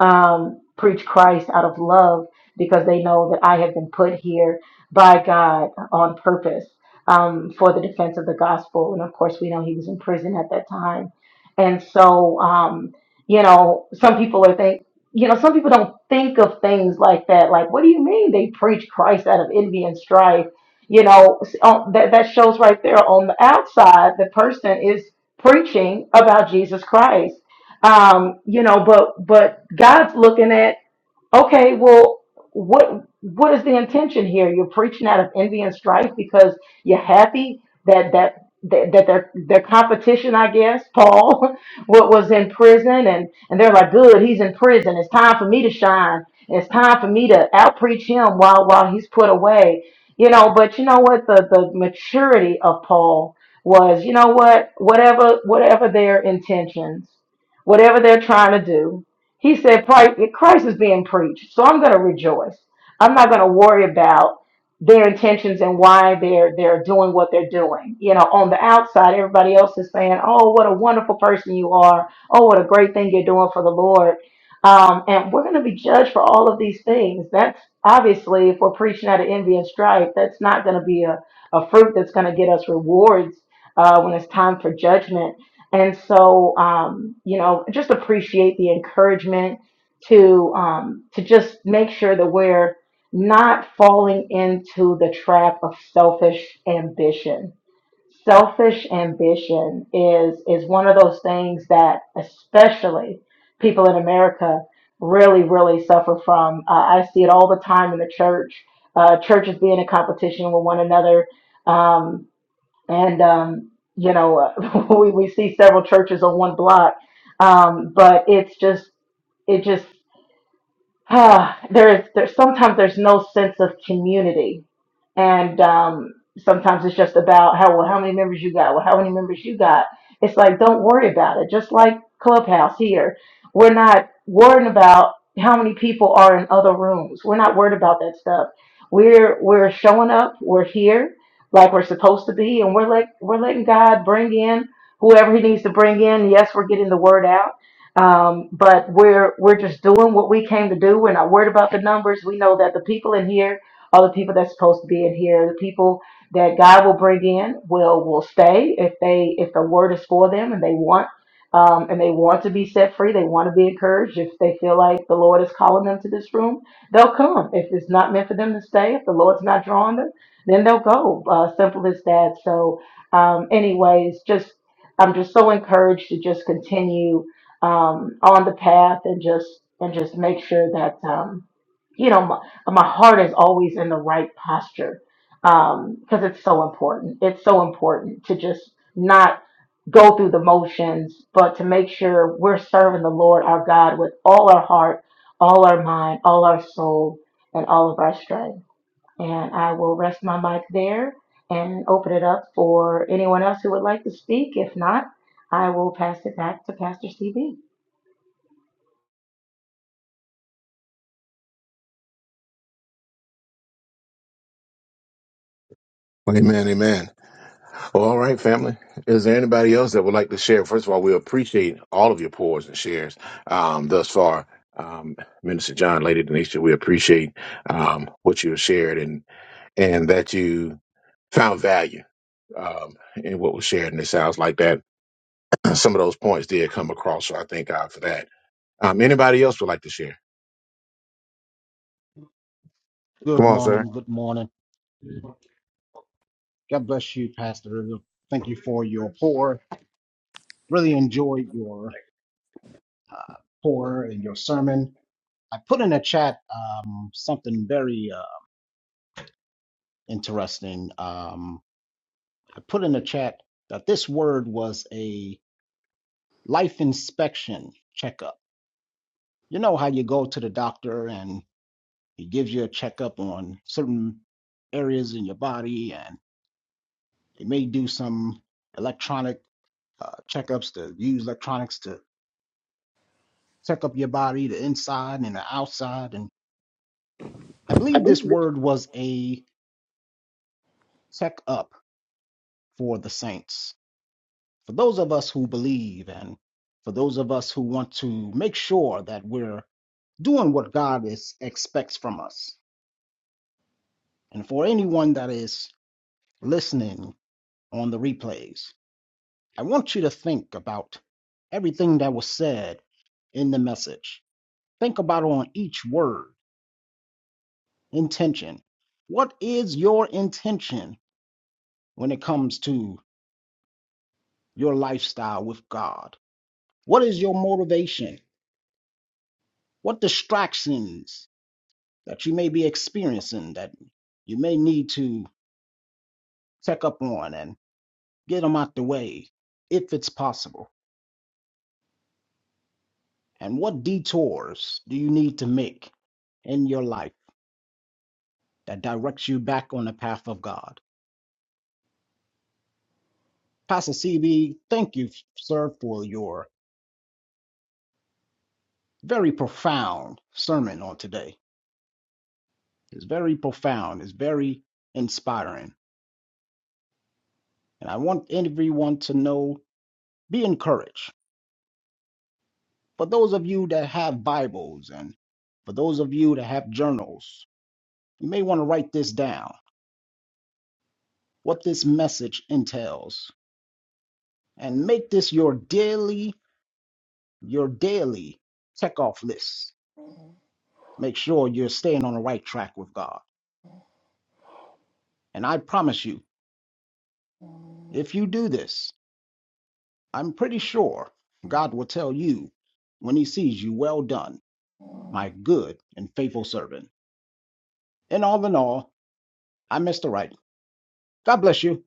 S3: um, preach Christ out of love because they know that I have been put here by God on purpose um, for the defense of the gospel. And of course, we know he was in prison at that time. And so, um, you know, some people are think, you know, some people don't think of things like that. Like, what do you mean they preach Christ out of envy and strife? You know, s- on- that that shows right there on the outside, the person is preaching about Jesus Christ um, you know, but but God's looking at Okay, well, what what is the intention here? You're preaching out of envy and strife because you're happy that that that, that their their competition, I guess, Paul, what was in prison, and and they're like, good, he's in prison. It's time for me to shine. It's time for me to outpreach him while while he's put away. You know, but you know what? The the maturity of Paul was, you know what? Whatever whatever their intentions, whatever they're trying to do, he said, "Pri- Christ is being preached, so I'm going to rejoice. I'm not going to worry about their intentions and why they're they're doing what they're doing. You know, on the outside, everybody else is saying, "Oh, what a wonderful person you are! Oh, what a great thing you're doing for the Lord." Um, and we're going to be judged for all of these things. That's obviously, if we're preaching out of envy and strife, that's not going to be a, a fruit that's going to get us rewards uh, when it's time for judgment and so, um, you know, just appreciate the encouragement to um, to just make sure that we're not falling into the trap of selfish ambition. Selfish ambition is is one of those things that especially people in America really really suffer from. Uh, I see it all the time in the church. Uh, churches being in competition with one another. Um, and um, you know we, we see several churches on one block um, but it's just it just Ah, there's there's sometimes there's no sense of community, and um, sometimes it's just about how well how many members you got, well how many members you got. It's like don't worry about it. Just like Clubhouse here, we're not worrying about how many people are in other rooms. We're not worried about that stuff. We're we're showing up. We're here like we're supposed to be, and we're like we're letting God bring in whoever He needs to bring in. Yes, we're getting the word out um, but we're we're just doing what we came to do. We're not worried about the numbers. We know that the people in here are the people that's supposed to be in here. The people that God will bring in will will stay if they if the word is for them and they want um, and they want to be set free. They want to be encouraged. If they feel like the Lord is calling them to this room, they'll come. If it's not meant for them to stay, if the Lord's not drawing them, then they'll go. Uh, simple as that. So, um, anyways, just I'm just so encouraged to just continue um, on the path and just and just make sure that um, you know my, my heart is always in the right posture because it's so important. It's so important to just not go through the motions, but to make sure we're serving the Lord our God with all our heart, all our mind, all our soul, and all of our strength. And I will rest my mic there and open it up for anyone else who would like to speak. If not, I will pass it back to Pastor CB.
S2: Amen, amen. Well, all right, family. Is there anybody else that would like to share? First of all, we appreciate all of your pours and shares um, thus far. Um, Minister John, Lady Denisha, we appreciate um, what you have shared and and that you found value um, in what was shared in this house like that. Some of those points did come across, so I thank God for that. Um, anybody else would like to share? Come
S5: Good
S2: on, sir.
S5: morning. Good morning. God bless you, Pastor. Israel. Thank you for your pour. Really enjoyed your uh, pour and your sermon. I put in the chat um, something very uh, interesting. Um, I put in the chat that this word was a life inspection checkup. You know how you go to the doctor and he gives you a checkup on certain areas in your body, and they may do some electronic uh, checkups to use electronics to check up your body, the inside and the outside. And I
S6: I
S5: believe this
S6: believe this.
S5: word was a check up for the saints. For those of us who believe and for those of us who want to make sure that we're doing what God is, expects from us. And for anyone that is listening on the replays, I want you to think about everything that was said in the message. Think about on each word, intention. What is your intention when it comes to your lifestyle with God? What is your motivation? What distractions that you may be experiencing that you may need to check up on and get them out the way if it's possible? And what detours do you need to make in your life that directs you back on the path of God? Pastor CB, thank you, sir, for your very profound sermon on today. It's very profound, it's very inspiring. And I want everyone to know be encouraged. For those of you that have Bibles and for those of you that have journals, you may want to write this down what this message entails and make this your daily your daily checkoff list. Make sure you're staying on the right track with God. And I promise you, if you do this, I'm pretty sure God will tell you when he sees you, well done, my good and faithful servant. And all in all, I'm Mr. Right god bless you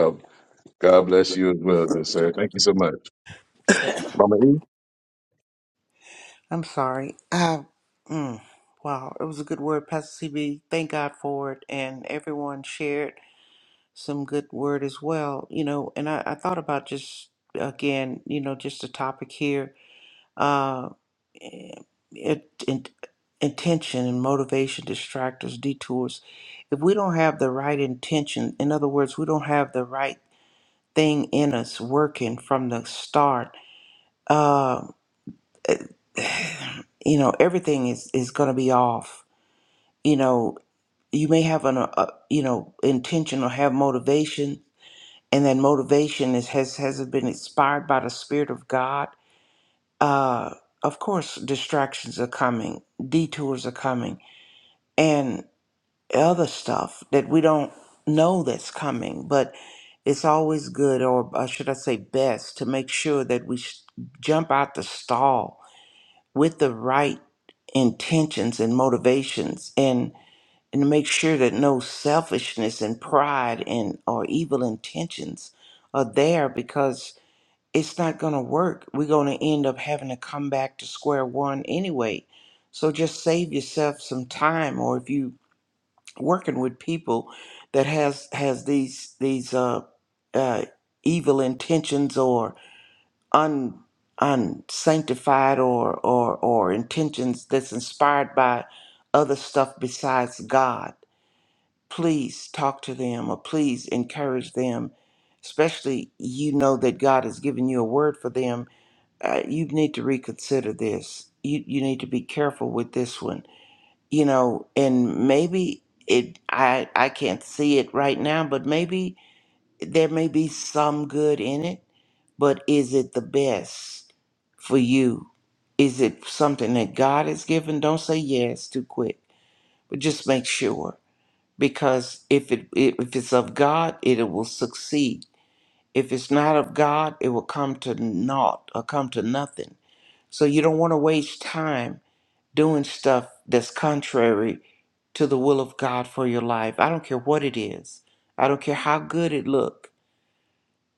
S2: Oh,
S6: I'm sorry. Uh, mm, wow, it was a good word, Pastor CB. Thank God for it. And everyone shared some good word as well. You know, and I, I thought about just, again, you know, just the topic here uh, it, it, intention and motivation, distractors, detours. If we don't have the right intention, in other words, we don't have the right thing in us working from the start. uh, you know everything is is going to be off you know you may have an uh uh, you know intention or have motivation and that motivation is has has been inspired by the spirit of god uh of course distractions are coming detours are coming and other stuff that we don't know that's coming but it's always good or uh, should i say best to make sure that we s jump out the stall with the right intentions and motivations and and make sure that no selfishness and pride and or evil intentions are there because it's not going to work. We're going to end up having to come back to square one anyway. So just save yourself some time or if you working with people that has has these these uh uh evil intentions or un unsanctified or or or intentions that's inspired by other stuff besides God. Please talk to them or please encourage them. Especially you know that God has given you a word for them. Uh, you need to reconsider this. You you need to be careful with this one. You know, and maybe it I I can't see it right now, but maybe there may be some good in it, but is it the best for you? Is it something that God has given? Don't say yes too quick, but just make sure because if it if it's of God, it will succeed. If it's not of God, it will come to naught or come to nothing. So you don't want to waste time doing stuff that's contrary to the will of God for your life. I don't care what it is. I don't care how good it look.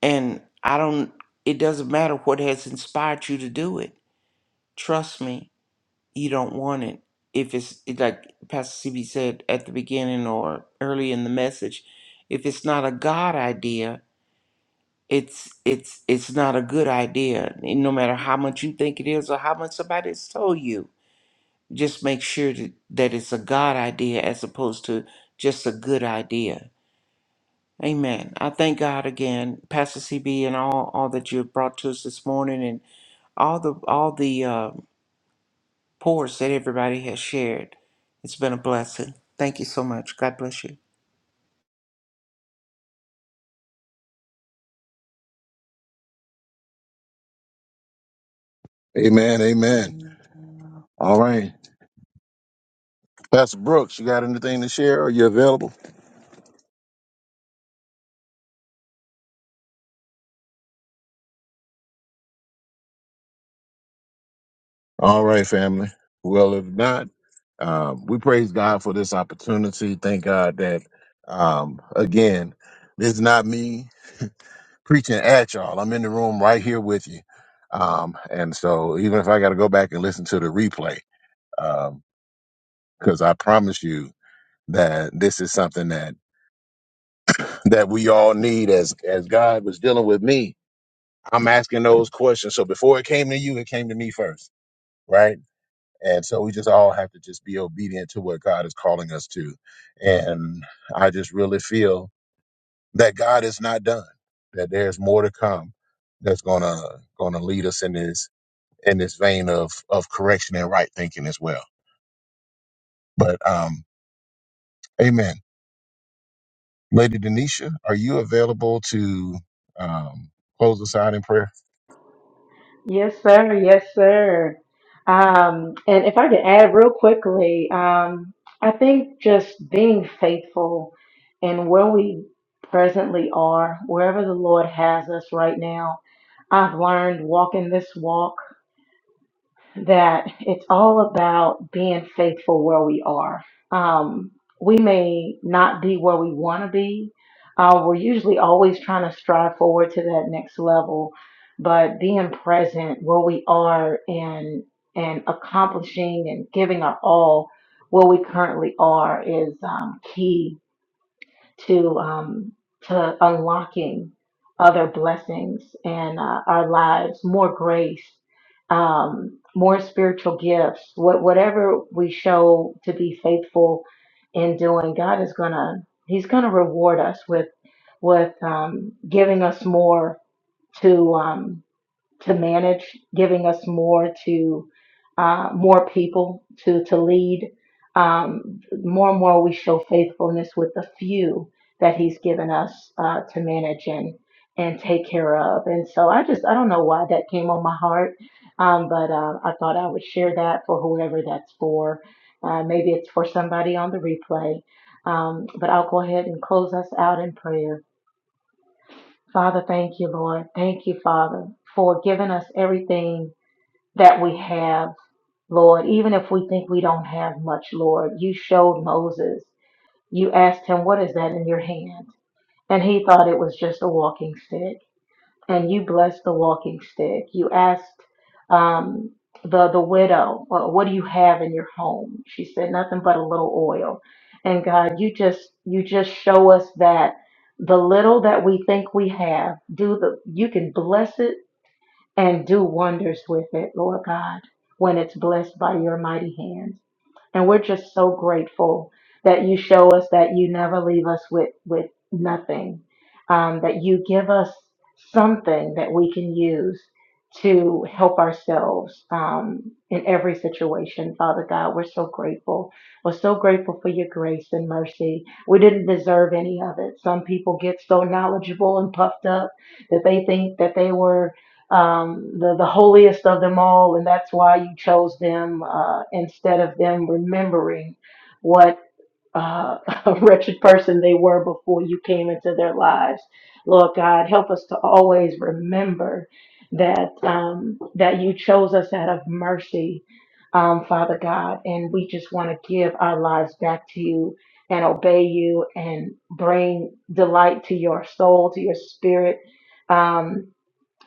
S6: And I don't, it doesn't matter what has inspired you to do it. Trust me, you don't want it. If it's it- like Pastor CB said at the beginning or early in the message, if it's not a God idea, it's it's it's not a good idea. And no matter how much you think it is or how much somebody's told you, just make sure that, that it's a God idea as opposed to just a good idea. Amen. I thank God again, Pastor CB, and all all that you have brought to us this morning, all the all the uh, pours that everybody has shared. It's been a blessing. Thank you so much. God bless you.
S2: amen, amen. All right. Pastor Brooks, you got anything to share? Are you available? All right, family. Well, if not, um, we praise God for this opportunity. Thank God that, um, again, this is not me preaching at y'all. I'm in the room right here with you. Um, and so even if I got to go back and listen to the replay, because I promise you that this is something that that we all need. As as God was dealing with me, I'm asking those questions. So before it came to you, it came to me first, right? And so we just all have to just be obedient to what God is calling us to. And I just really feel that God is not done. That there's more to come. That's gonna gonna lead us in this in this vein of of correction and right thinking as well. But um, Amen. Lady Denisha, are you available to um, close us out in prayer?
S3: Yes, sir. Yes, sir. Um, and if I could add real quickly, um, I think just being faithful in where we presently are, wherever the Lord has us right now, I've learned walking this walk. that it's all about being faithful where we are. Um, we may not be where we want to be. Uh, we're usually always trying to strive forward to that next level, but being present where we are and and accomplishing and giving our all where we currently are is um, key to um, to unlocking other blessings in uh, our lives, more grace, um, more spiritual gifts. What whatever we show to be faithful in doing, God is gonna He's gonna reward us with with um, giving us more to. Um, to manage, giving us more to uh, more people to to lead. Um, more and more, we show faithfulness with the few that He's given us uh, to manage and and take care of. And so, I just I don't know why that came on my heart, um, but uh, I thought I would share that for whoever that's for. Uh, maybe it's for somebody on the replay. Um, but I'll go ahead and close us out in prayer. Father, thank you, Lord. Thank you, Father, for giving us everything that we have, Lord. Even if we think we don't have much, Lord, you showed Moses. You asked him, What is that in your hand? And he thought it was just a walking stick and you blessed the walking stick. You asked um, the the widow, well, "What do you have in your home?" She said, "Nothing but a little oil." And God, you just you just show us that the little that we think we have, do the you can bless it and do wonders with it, Lord God, when it's blessed by your mighty hand. And we're just so grateful that you show us that you never leave us with, with nothing, um, that you give us something that we can use to help ourselves um, in every situation. Father God, we're so grateful. We're so grateful for your grace and mercy. We didn't deserve any of it. Some people get so knowledgeable and puffed up that they think that they were um, the, the holiest of them all, and that's why you chose them uh, instead of them remembering what uh, a wretched person they were before you came into their lives. Lord God, help us to always remember that um, that you chose us out of mercy, um, Father God, and we just want to give our lives back to you and obey you and bring delight to your soul, to your spirit. Um,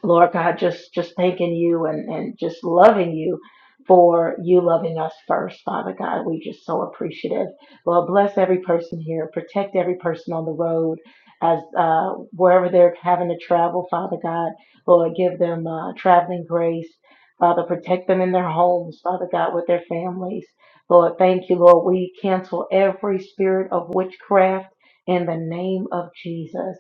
S3: Lord God, just just thanking you and and just loving you for you loving us first, Father God. We just so appreciative. Lord, bless every person here. Protect every person on the road as uh, wherever they're having to travel, Father God. Lord, give them uh, traveling grace. Father, protect them in their homes, Father God, with their families. Lord, thank you, Lord. We cancel every spirit of witchcraft in the name of Jesus.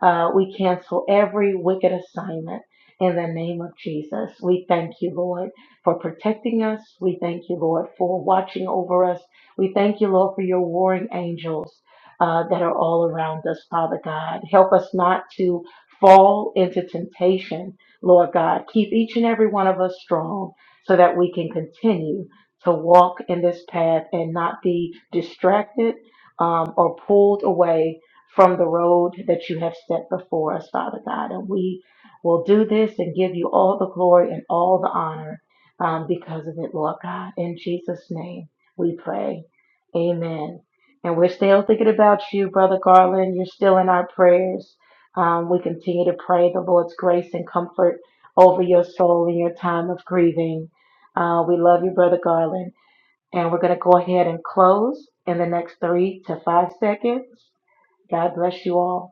S3: Uh, we cancel every wicked assignment in the name of Jesus. We thank you, Lord, for protecting us. We thank you, Lord, for watching over us. We thank you, Lord, for your warring angels uh, that are all around us, Father God. Help us not to fall into temptation, Lord God. Keep each and every one of us strong so that we can continue to walk in this path and not be distracted um, or pulled away from the road that you have set before us, Father God. And we We'll do this and give you all the glory and all the honor um, because of it, Lord God. In Jesus' name, we pray. Amen. And we're still thinking about you, Brother Garland. You're still in our prayers. Um, we continue to pray the Lord's grace and comfort over your soul in your time of grieving. Uh, we love you, Brother Garland. And we're going to go ahead and close in the next three to five seconds. God bless you all.